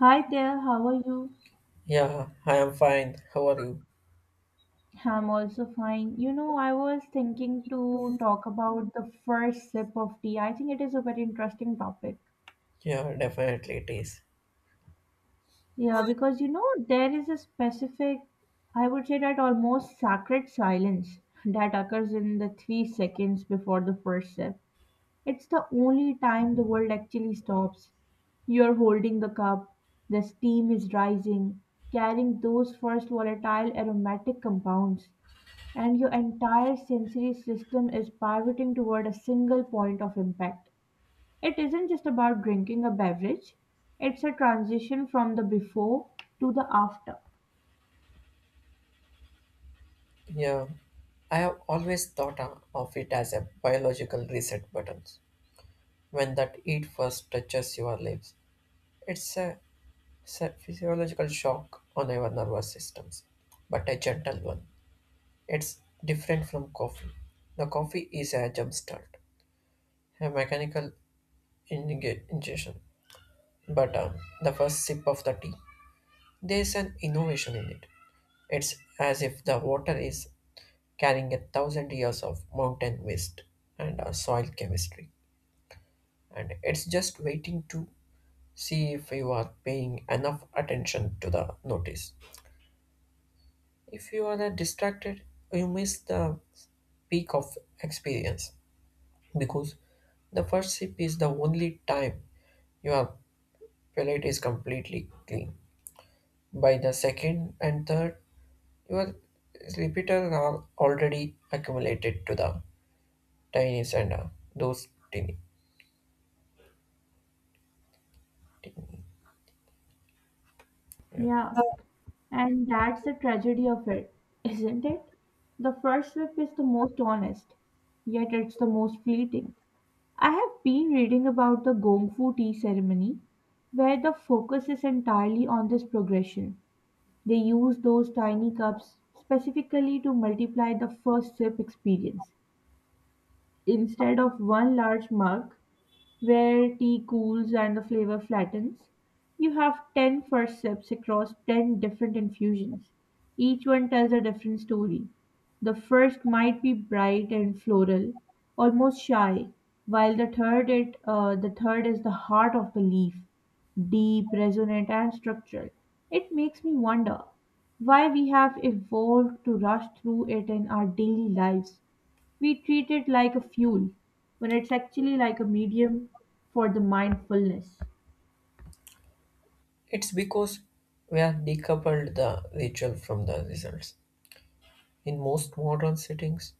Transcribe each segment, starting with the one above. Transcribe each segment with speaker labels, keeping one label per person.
Speaker 1: Hi there, how are you?
Speaker 2: Yeah, I am fine. How are you?
Speaker 1: I'm also fine. You know, I was thinking to talk about the first sip of tea. I think it is a very interesting topic.
Speaker 2: Yeah, definitely it is.
Speaker 1: Yeah, because you know, there is a specific, I would say that almost sacred silence that occurs in the 3 seconds before the first sip. It's the only time the world actually stops. You're holding the cup, the steam is rising, carrying those first volatile aromatic compounds. And your entire sensory system is pivoting toward a single point of impact. It isn't just about drinking a beverage, it's a transition from the before to the after.
Speaker 2: Yeah, I have always thought of it as a biological reset button. When that heat first touches your lips, it's a, it's a physiological shock on your nervous systems, but a gentle one. It's different from coffee. The coffee is a jump start, a mechanical ingestion, but the first sip of the tea, there is an innovation in it. It's as if the water is carrying a thousand years of mountain waste and soil chemistry. And it's just waiting to see if you are paying enough attention to the notice. If you are distracted, you miss the peak of experience because the first sip is the only time your palate is completely clean. By the second and third, your repeaters are already accumulated to the tiniest and those tiny, yeah.
Speaker 1: Yeah, and that's the tragedy of it, isn't it? The first sip is the most honest, yet it's the most fleeting. I have been reading about the Gongfu tea ceremony, where the focus is entirely on this progression. They use those tiny cups specifically to multiply the first sip experience, instead of one large mug where tea cools and the flavor flattens. You have 10 first sips across 10 different infusions. Each one tells a different story. The first might be bright and floral, almost shy, while the third is the heart of the leaf, deep, resonant and structural. It makes me wonder why we have evolved to rush through it in our daily lives. We treat it like a fuel when it's actually like a medium for the mindfulness.
Speaker 2: It's because we have decoupled the ritual from the results. In most modern settings,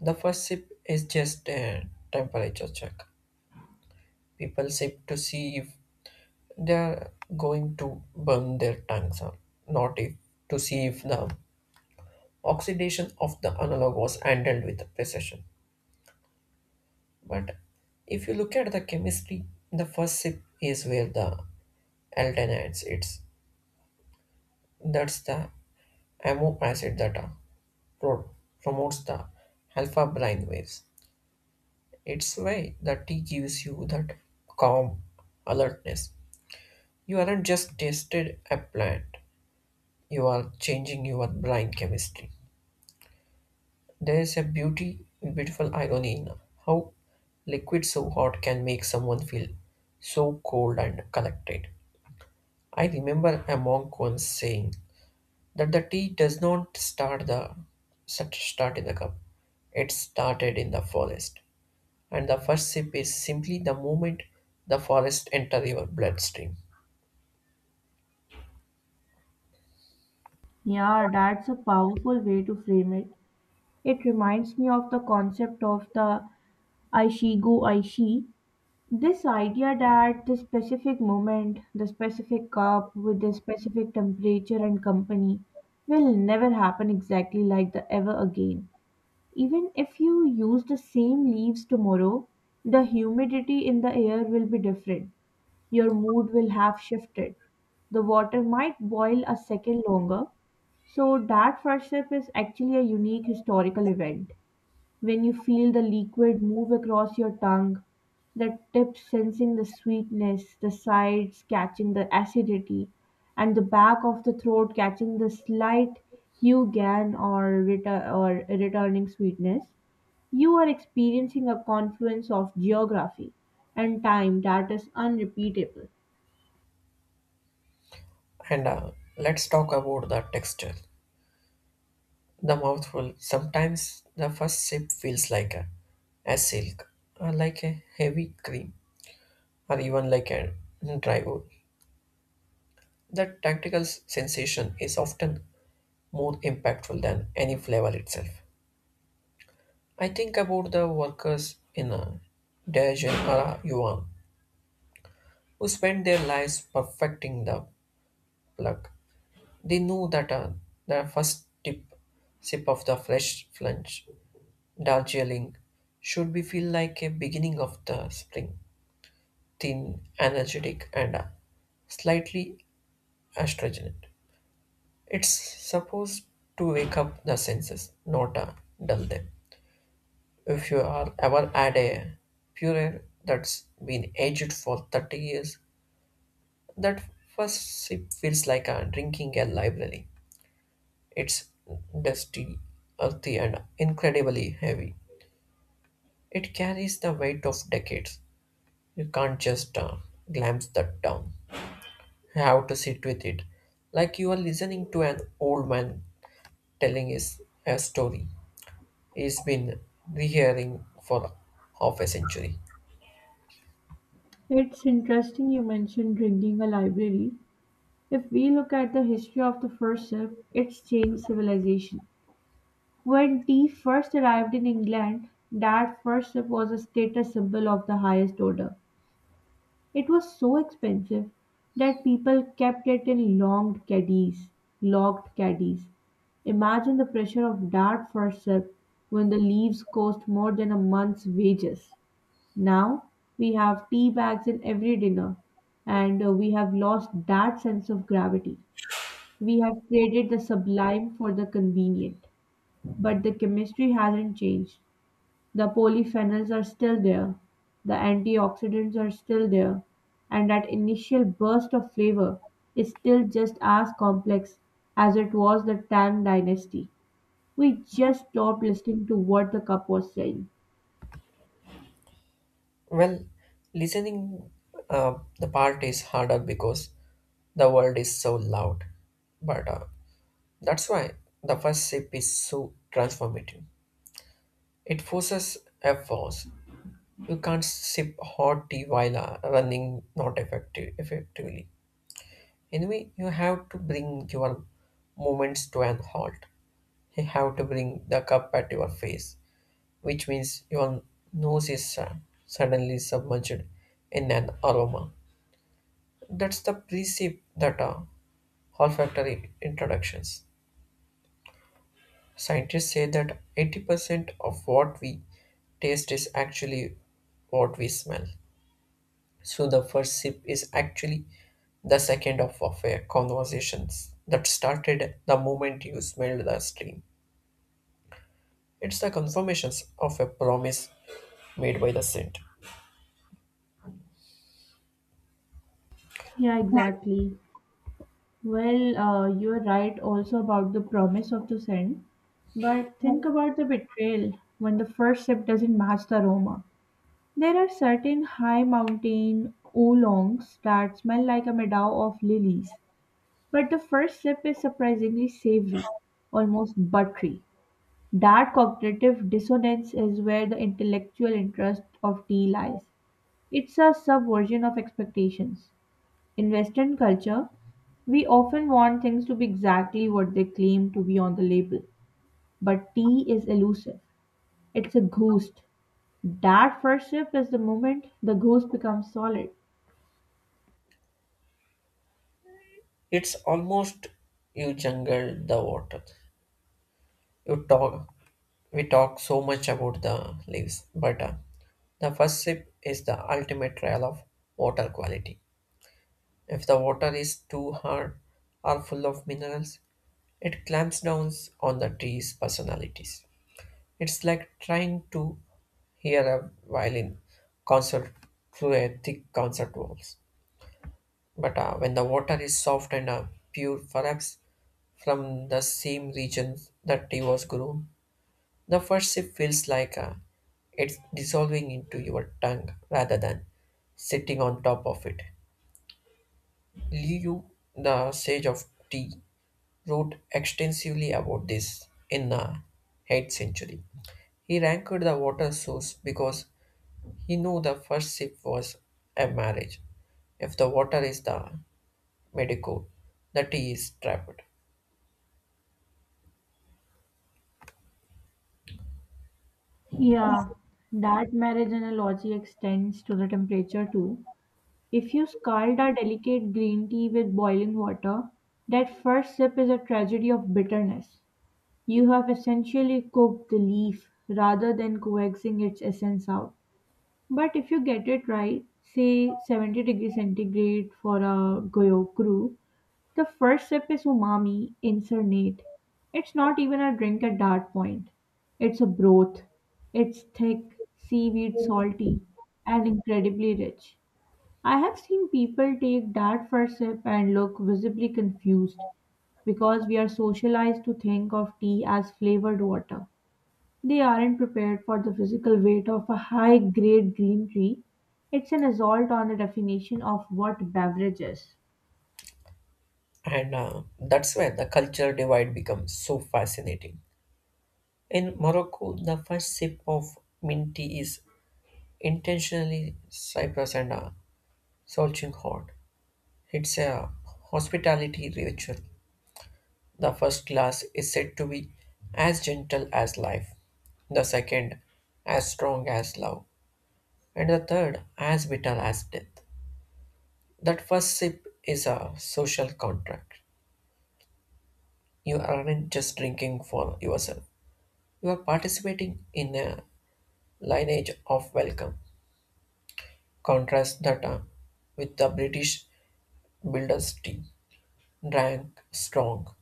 Speaker 2: the first sip is just a temperature check. People sip to see if they are going to burn their tongues or not, if to see if the oxidation of the analog was handled with precision. But if you look at the chemistry, the first sip is where the aldehydes. It's that's the amino acid that. Are pro- promotes the alpha brain waves. It's why the tea gives you that calm alertness. You aren't just tasted a plant, you are changing your brain chemistry. There is a beautiful irony in how liquid so hot can make someone feel so cold and collected. I remember a monk once saying that the tea does not start in the cup. It started in the forest. And the first sip is simply the moment the forest enter your bloodstream.
Speaker 1: Yeah, that's a powerful way to frame it. It reminds me of the concept of the Aishigo Aishi. This idea that the specific moment, the specific cup with the specific temperature and company will never happen exactly like the ever again. Even if you use the same leaves tomorrow, the humidity in the air will be different. Your mood will have shifted. The water might boil a second longer, so that first sip is actually a unique historical event. When you feel the liquid move across your tongue, the tip sensing the sweetness, the sides catching the acidity, and the back of the throat catching the slight hue gain or returning sweetness, you are experiencing a confluence of geography and time that is unrepeatable.
Speaker 2: And Let's talk about the texture. The mouthful. Sometimes the first sip feels like a silk, or like a heavy cream, or even like a dry wood. The tactical sensation is often more impactful than any flavor itself. I think about the workers in a Daejeon or a Yuan who spend their lives perfecting the plug. They know that the sip of the fresh lunch, Darjeeling, should be feel like a beginning of the spring, thin, energetic, and slightly astringent. It's supposed to wake up the senses, not dull them. If you are ever had a puree that's been aged for 30 years, that first sip feels like drinking a library. It's dusty, earthy, and incredibly heavy. It carries the weight of decades. You can't just glance that down. You have to sit with it, like you are listening to an old man telling his a story he's been rehearing for half a century.
Speaker 1: It's interesting you mentioned drinking a library. If we look at the history of the first sip, it's changed civilization. When tea first arrived in England, that first sip was a status symbol of the highest order. It was so expensive that people kept it in long caddies, locked caddies. Imagine the pressure of that first sip when the leaves cost more than a month's wages. Now we have tea bags in every dinner, and we have lost that sense of gravity. We have traded the sublime for the convenient, but the chemistry hasn't changed. The polyphenols are still there, the antioxidants are still there, and that initial burst of flavor is still just as complex as it was the Tang dynasty. We just stopped listening to what the cup was saying.
Speaker 2: Well, listening uh, the part is harder because the world is so loud, but that's why the first sip is so transformative. It forces efforts. You can't sip hot tea while running not effective, effectively. Anyway, you have to bring your movements to an halt. You have to bring the cup at your face, which means your nose is suddenly submerged in an aroma. That's the precept that olfactory introductions. Scientists say that 80% of what we taste is actually what we smell. So the first sip is actually the second of a conversations that started the moment you smelled the stream. It's the confirmations of a promise made by the scent.
Speaker 1: Yeah, exactly. Well, you're right also about the promise of the scent, but think about the betrayal when the first sip doesn't match the aroma. There are certain high mountain oolongs that smell like a meadow of lilies, but the first sip is surprisingly savory, almost buttery. That cognitive dissonance is where the intellectual interest of tea lies. It's a subversion of expectations. In Western culture, we often want things to be exactly what they claim to be on the label. But tea is elusive. It's a ghost. That first sip is the moment the ghost becomes solid.
Speaker 2: It's almost you jungle the water. You talk We talk so much about the leaves, but the first sip is the ultimate trial of water quality. If the water is too hard or full of minerals, it clamps down on the tree's personalities. It's like trying to hear a violin concert through a thick concert walls. But when the water is soft and pure, perhaps from the same region that tea was grown, the first sip feels like it's dissolving into your tongue rather than sitting on top of it. Liu, the sage of tea, wrote extensively about this in the 8th century. He ranked the water source because he knew the first sip was a marriage. If the water is the medico, the tea is trapped.
Speaker 1: Yeah, that marriage analogy extends to the temperature too. If you scald a delicate green tea with boiling water, that first sip is a tragedy of bitterness. You have essentially cooked the leaf rather than coaxing its essence out. But if you get it right, say 70 degrees centigrade for a goyokuru, the first sip is umami incarnate. It's not even a drink at that point. It's a broth. It's thick, seaweed salty, and incredibly rich. I have seen people take that first sip and look visibly confused because we are socialized to think of tea as flavored water. They aren't prepared for the physical weight of a high grade green tea. It's an assault on the definition of what beverage is.
Speaker 2: And That's where the culture divide becomes so fascinating. In Morocco, the first sip of mint tea is intentionally Cyprus and Solching hot. It's a hospitality ritual. The first glass is said to be as gentle as life, the second as strong as love, and the third as bitter as death. That first sip is a social contract. You aren't just drinking for yourself. You are participating in a lineage of welcome. Contrast that with the British builder's tea, drank strong,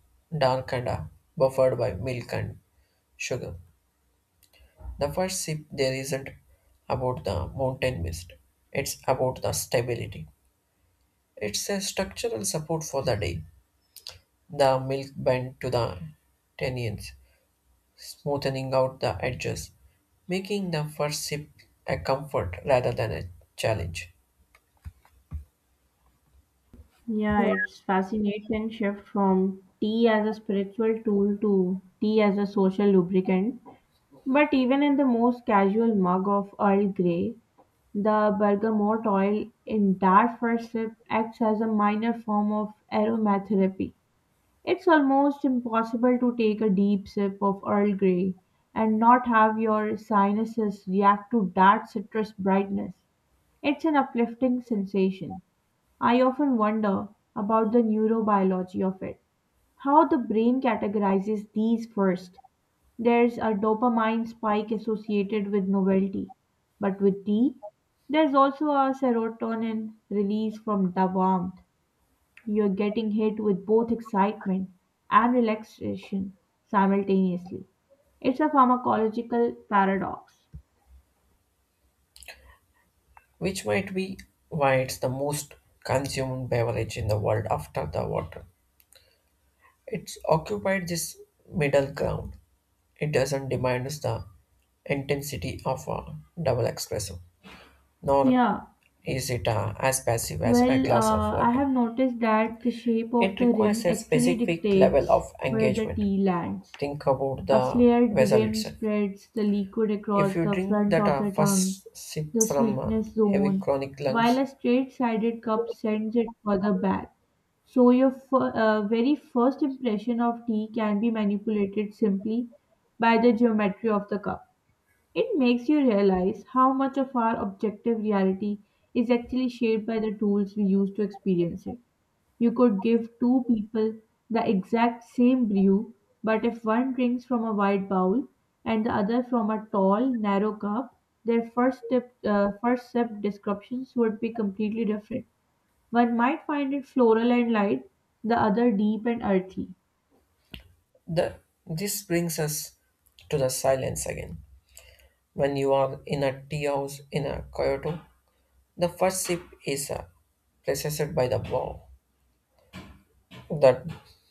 Speaker 2: dark and buffered by milk and sugar. The first sip there isn't about the mountain mist. It's about the stability. It's a structural support for the day. The milk bent to the tenions smoothing out the edges, making the first sip a comfort rather than a challenge,
Speaker 1: Yeah, it's fascinating shift from tea as a spiritual tool to tea as a social lubricant. But even in the most casual mug of Earl Grey, the bergamot oil in that first sip acts as a minor form of aromatherapy. It's almost impossible to take a deep sip of Earl Grey and not have your sinuses react to that citrus brightness. It's an uplifting sensation. I often wonder about the neurobiology of it, how the brain categorizes these first. There's a dopamine spike associated with novelty, but with tea, there's also a serotonin release from the warmth. You're getting hit with both excitement and relaxation simultaneously. It's a pharmacological paradox.
Speaker 2: which might be why it's the most consumed beverage in the world after the water. It's occupied this middle ground. It doesn't demand the intensity of a double espresso, nor
Speaker 1: Yeah,
Speaker 2: is it as passive as a
Speaker 1: well,
Speaker 2: glass of
Speaker 1: I
Speaker 2: water.
Speaker 1: have noticed that the shape of
Speaker 2: It
Speaker 1: the
Speaker 2: requires
Speaker 1: rim
Speaker 2: a
Speaker 1: actually
Speaker 2: specific level
Speaker 1: dictates
Speaker 2: of
Speaker 1: where the
Speaker 2: engagement.
Speaker 1: tea lands.
Speaker 2: Think about
Speaker 1: A
Speaker 2: the
Speaker 1: flared
Speaker 2: vessel
Speaker 1: rim
Speaker 2: itself.
Speaker 1: spreads the liquid
Speaker 2: If
Speaker 1: across
Speaker 2: you
Speaker 1: the
Speaker 2: drink
Speaker 1: front
Speaker 2: that
Speaker 1: of the tongue,
Speaker 2: first sip
Speaker 1: the
Speaker 2: from
Speaker 1: sweetness
Speaker 2: heavy
Speaker 1: zone,
Speaker 2: chronic
Speaker 1: while
Speaker 2: lungs,
Speaker 1: a straight-sided cup sends it further back. So your very first impression of tea can be manipulated simply by the geometry of the cup. It makes you realize how much of our objective reality is actually shaped by the tools we use to experience it. You could give two people the exact same brew, but if one drinks from a wide bowl and the other from a tall, narrow cup, their first sip descriptions would be completely different. One might find it floral and light, the other deep and earthy.
Speaker 2: the, this brings us to the silence again. When you are in a tea house in a Kyoto, the first sip is preceded by the bow. That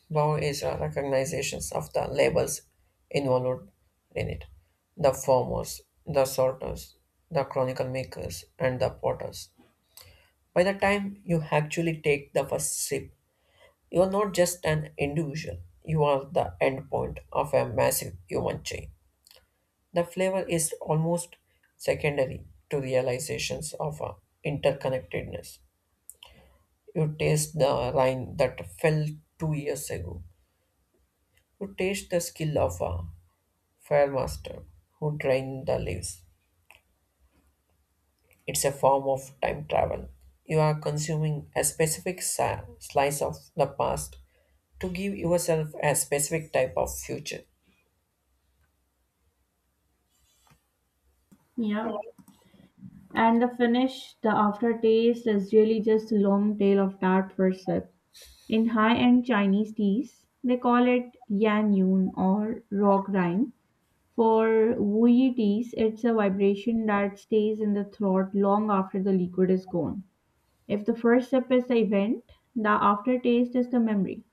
Speaker 2: bow is a recognition of the labels involved in it: the farmers, the sorters, the chronicle makers, and the potters. By the time you actually take the first sip, you are not just an individual, you are the endpoint of a massive human chain. The flavor is almost secondary to realizations of interconnectedness. You taste the wine that fell 2 years ago. You taste the skill of a fire master who drained the leaves. It's a form of time travel. You are consuming a specific slice of the past to give yourself a specific type of future.
Speaker 1: Yeah. And the finish, the aftertaste is really just a long tail of that first sip. In high end Chinese teas, they call it yan yun or rock rind. For Wheaties, it's a vibration that stays in the throat long after the liquid is gone. If the first sip is the event, the aftertaste is the memory.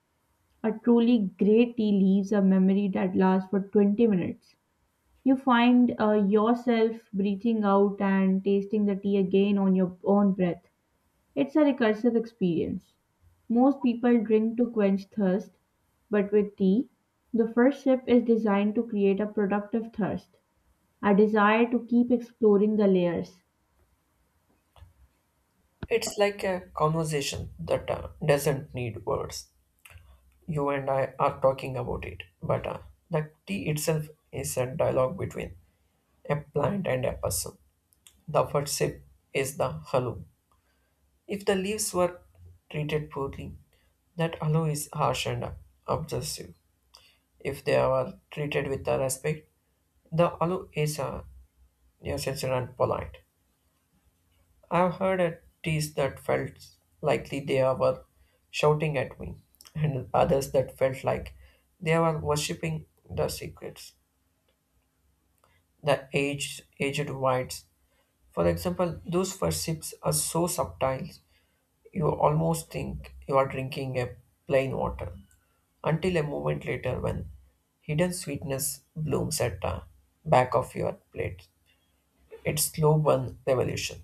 Speaker 1: A truly great tea leaves a memory that lasts for 20 minutes. You find yourself breathing out and tasting the tea again on your own breath. It's a recursive experience. Most people drink to quench thirst, but with tea, the first sip is designed to create a productive thirst, a desire to keep exploring the layers.
Speaker 2: It's like a conversation that doesn't need words. You and I are talking about it, but the tea itself is a dialogue between a plant and a person. The first sip is the hello. If the leaves were treated poorly, that hello is harsh and obsessive. If they are treated with the respect, the hello is sincere and polite. I've heard a teas that felt likely they were shouting at me, and others that felt like they were worshipping the secrets, the aged whites. For example, those first sips are so subtle, you almost think you are drinking a plain water, until a moment later when hidden sweetness blooms at the back of your plate. It's slow burn revolution.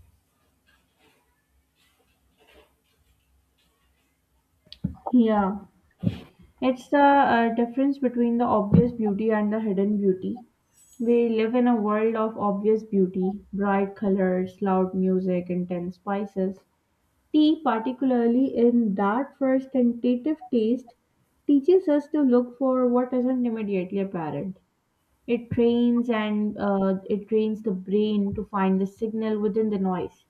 Speaker 1: Yeah. It's the difference between the obvious beauty and the hidden beauty. We live in a world of obvious beauty, bright colors, loud music, intense spices. Tea, particularly in that first tentative taste, teaches us to look for what isn't immediately apparent. It trains and it trains the brain to find the signal within the noise.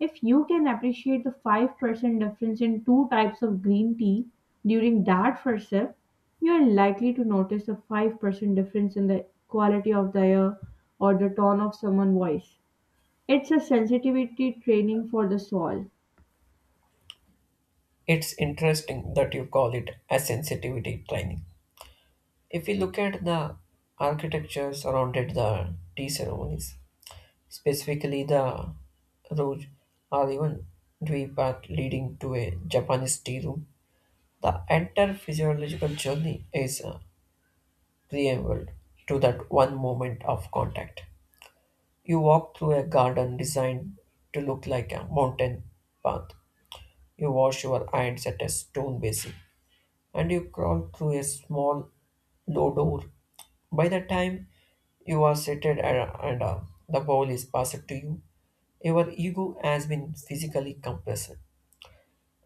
Speaker 1: If you can appreciate the 5% difference in two types of green tea during that first sip, you are likely to notice a 5% difference in the quality of the air or the tone of someone's voice. It's a sensitivity training for the soul.
Speaker 2: It's interesting that you call it a sensitivity training. If we look at the architecture surrounded the tea ceremonies, specifically the road or even dewey path leading to a Japanese tea room, the entire physiological journey is a preamble to that one moment of contact. You walk through a garden designed to look like a mountain path. You wash your hands at a stone basin and you crawl through a small low door. By the time you are seated and and, uh, the bowl is passed to you, your ego has been physically compressed.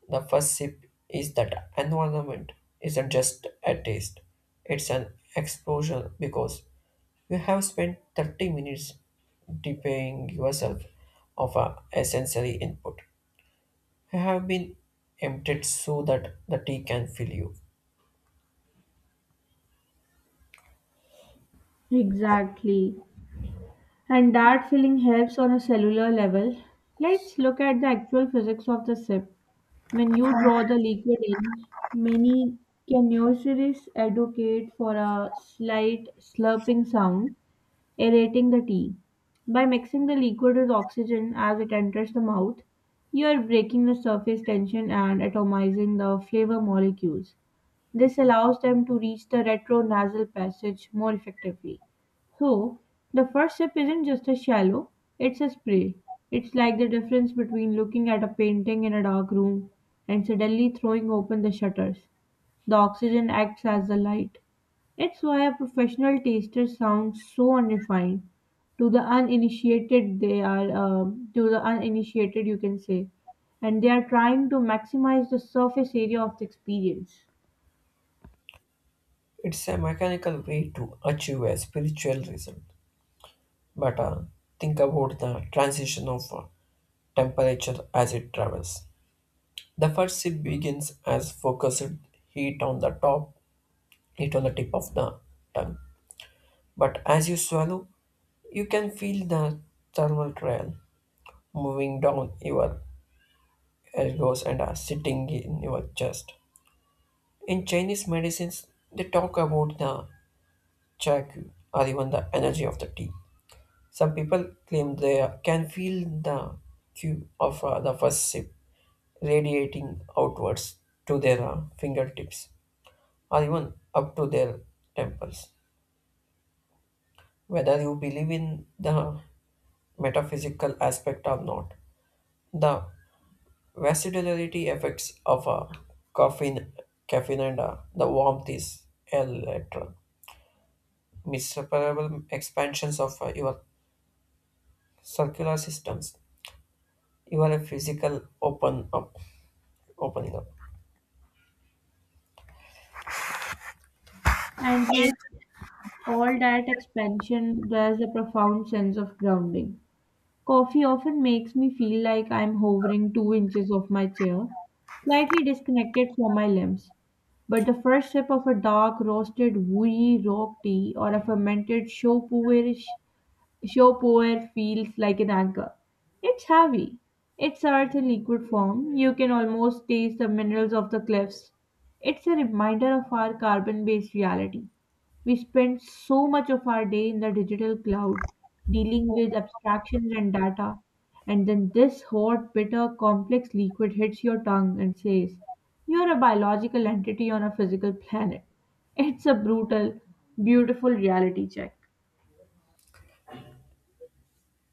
Speaker 2: The first sip is that environment isn't just a taste, it's an explosion because you have spent 30 minutes depriving yourself of a sensory input. You have been emptied so that the tea can fill you.
Speaker 1: Exactly. And that feeling helps on a cellular level. Let's look at the actual physics of the sip. When you draw the liquid in, many connoisseurs advocate for a slight slurping sound, aerating the tea. By mixing the liquid with oxygen as it enters the mouth, you are breaking the surface tension and atomizing the flavor molecules. This allows them to reach the retronasal passage more effectively. So, the first sip isn't just a shallow, it's a spray. It's like the difference between looking at a painting in a dark room and suddenly throwing open the shutters. The oxygen acts as the light. It's why a professional taster sounds so unrefined. To the uninitiated, they are to the uninitiated, you can say, and they are trying to maximize the surface area of the experience.
Speaker 2: It's a mechanical way to achieve a spiritual result, but think about the transition of temperature as it travels. The first sip begins as focused heat on the top, heat on the tip of the tongue. But as you swallow, you can feel the thermal trail moving down your elbows and sitting in your chest. In Chinese medicines, they talk about the chakyu or even the energy of the tea. Some people claim they can feel the cue of the first sip radiating outwards to their fingertips or even up to their temples. Whether you believe in the metaphysical aspect or not, the vasodilatory effects of caffeine, caffeine and the warmth is electron. Miserable expansions of your circular systems. You are a physical opening up.
Speaker 1: And yet, all that expansion, there's a profound sense of grounding. Coffee often makes me feel like I'm hovering 2 inches off my chair, slightly disconnected from my limbs. But the first sip of a dark roasted wooey rock tea or a fermented show your feels like an anchor. It's heavy. It's earth in liquid form. You can almost taste the minerals of the cliffs. It's a reminder of our carbon based reality. We spend so much of our day in the digital cloud, dealing with abstractions and data, and then this hot, bitter, complex liquid hits your tongue and says, you're a biological entity on a physical planet. It's a brutal, beautiful reality check.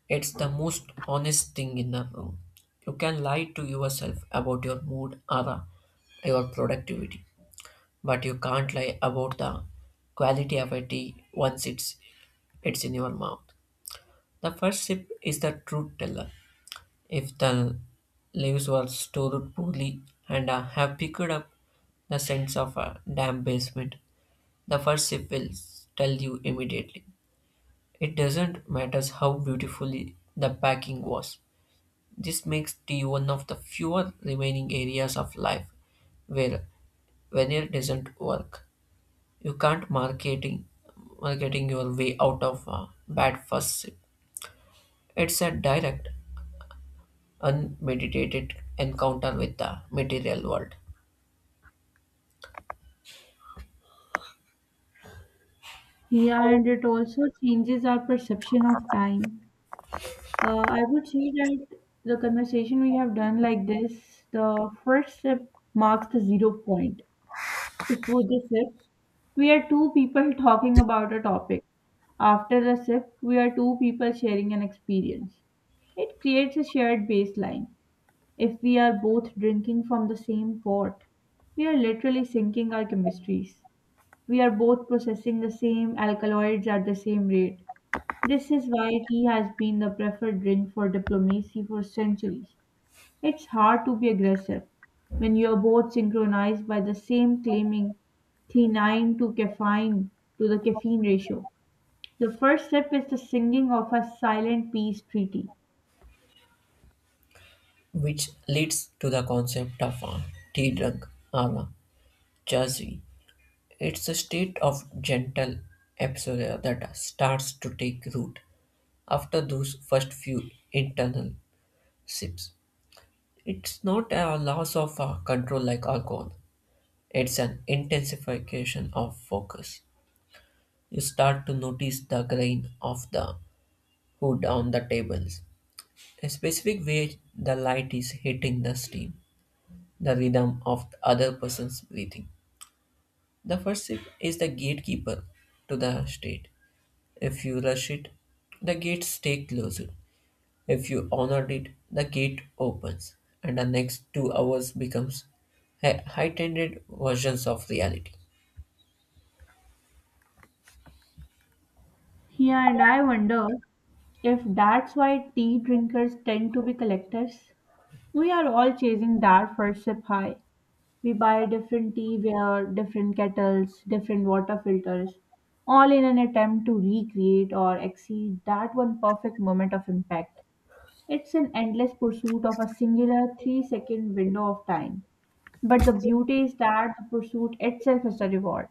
Speaker 2: It's the most honest thing in the room. You can lie to yourself about your mood or your productivity, but you can't lie about the quality of a tea once it's in your mouth. The first sip is the truth teller. If the leaves were stored poorly and have picked up the sense of a damp basement, the first sip will tell you immediately. It doesn't matter how beautifully the packing was. This makes tea one of the fewer remaining areas of life where veneer doesn't work. You can't marketing your way out of a bad first sip. It's a direct, unmeditated encounter with the material world,
Speaker 1: Yeah, and it also changes our perception of time. I would say that the conversation we have done like this, the first sip marks the zero point. Before the sip, we are two people talking about a topic. After the sip, we are two people sharing an experience. It creates a shared baseline. If we are both drinking from the same pot, we are literally syncing our chemistries. We are both processing the same alkaloids at the same rate. This is why tea has been the preferred drink for diplomacy for centuries. It's hard to be aggressive when you are both synchronized by the same claiming theanine to caffeine to the caffeine ratio. The first sip is the singing of a silent peace treaty.
Speaker 2: which leads to the concept of a tea drunk or a jazzy. It's a state of gentle absorption that starts to take root after those first few internal sips. It's not a loss of control like alcohol. It's an intensification of focus. You start to notice the grain of the hood on the tables, a specific way the light is hitting the steam, the rhythm of the other person's breathing. The first sip is the gatekeeper to the state. If you rush it, the gates stay closed. If you honor it, the gate opens, and the next 2 hours becomes a heightened versions of reality.
Speaker 1: Yeah, and I wonder if that's why tea drinkers tend to be collectors. We are all chasing that first sip high. We buy different teaware, different kettles, different water filters, all in an attempt to recreate or exceed that one perfect moment of impact. It's an endless pursuit of a singular 3 second window of time. But the beauty is that the pursuit itself is a reward.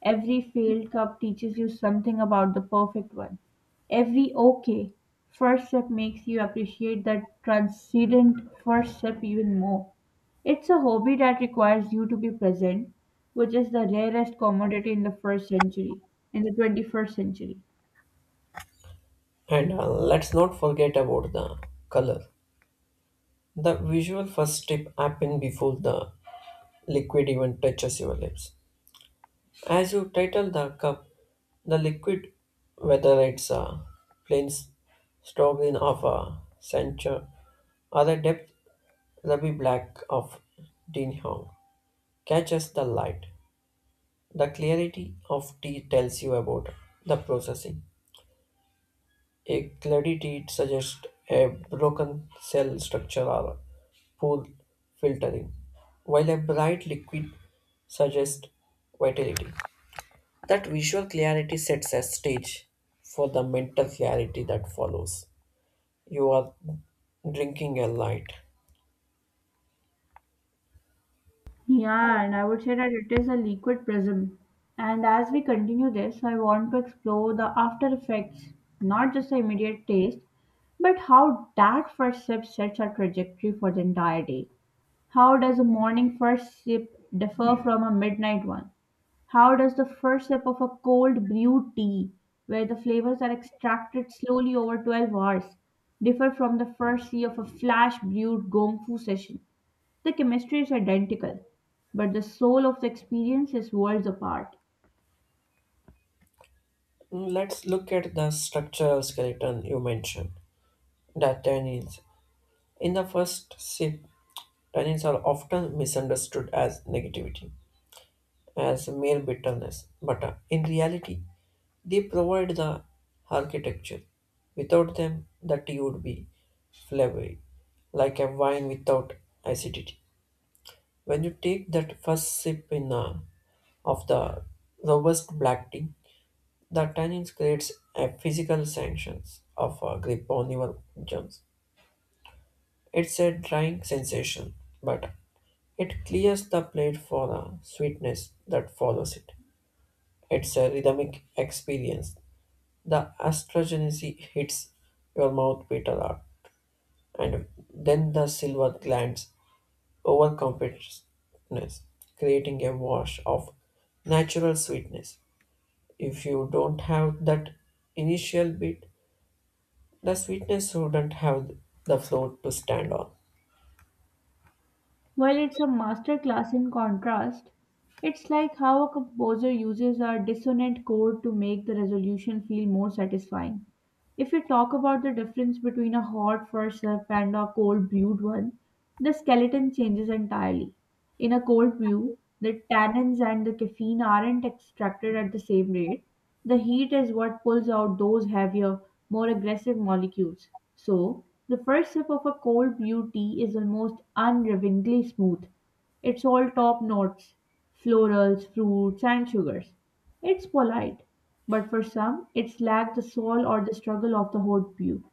Speaker 1: Every failed cup teaches you something about the perfect one. Every okay first sip makes you appreciate that transcendent first sip even more. It's a hobby that requires you to be present, which is the rarest commodity in the 21st century.
Speaker 2: And Let's not forget about the color. The visual first step happens before the liquid even touches your lips. As you title the cup, the liquid, whether it's a plain s- strawberry of a centre or the depth ruby black of Dean Hong, catches the light. The clarity of T tells you about the processing. A cloudy T suggests a broken cell structure or poor filtering, while a bright liquid suggests vitality. That visual clarity sets a stage for the mental clarity that follows. You are drinking a light.
Speaker 1: Yeah, and I would say that it is a liquid prism. And as we continue this, I want to explore the after effects, not just the immediate taste, but how that first sip sets a trajectory for the entire day. How does a morning first sip differ from a midnight one? How does the first sip of a cold brewed tea, where the flavors are extracted slowly over 12 hours, differ from the first sip of a flash brewed gong fu session? The chemistry is identical, but the soul of the experience is worlds apart.
Speaker 2: Mm, let's look at the structural skeleton you mentioned. The tannins. In the first sip, tannins are often misunderstood as negativity, as mere bitterness, but in reality, they provide the architecture. Without them, the tea would be flavory, like a wine without acidity. When you take that first sip in of the robust black tea, the tannins creates a physical sensations of a grip on your gums. It's a drying sensation, but it clears the plate for the sweetness that follows it. It's a rhythmic experience. The astragenese hits your mouth bitter hard, and then the silver glands overcompensate, creating a wash of natural sweetness. If you don't have that initial bit, the sweetness wouldn't have the floor to stand on.
Speaker 1: While it's a masterclass in contrast, it's like how a composer uses a dissonant chord to make the resolution feel more satisfying. If you talk about the difference between a hot first sip and a cold brewed one, the skeleton changes entirely. In a cold brew, the tannins and the caffeine aren't extracted at the same rate. The heat is what pulls out those heavier, more aggressive molecules. So, the first sip of a cold brew tea is almost unrelentingly smooth. It's all top notes, florals, fruits, and sugars. It's polite, but for some, it's lacked the soul or the struggle of the hot brew.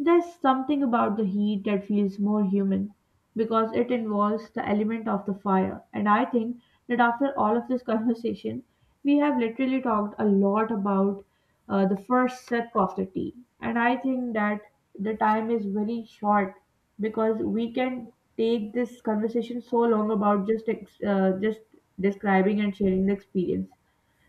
Speaker 1: There's something about the heat that feels more human because it involves the element of the fire. And I think that after all of this conversation, we have literally talked a lot about the first sip of the tea. And I think that the time is very short because we can take this conversation so long about just just describing and sharing the experience.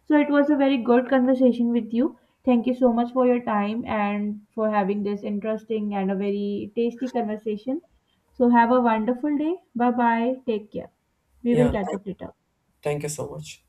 Speaker 1: So it was a very good conversation with you. Thank you so much for your time and for having this interesting and a very tasty conversation. So have a wonderful day. Bye bye. Take care. We will
Speaker 2: Yeah,
Speaker 1: catch up later.
Speaker 2: thank you so much.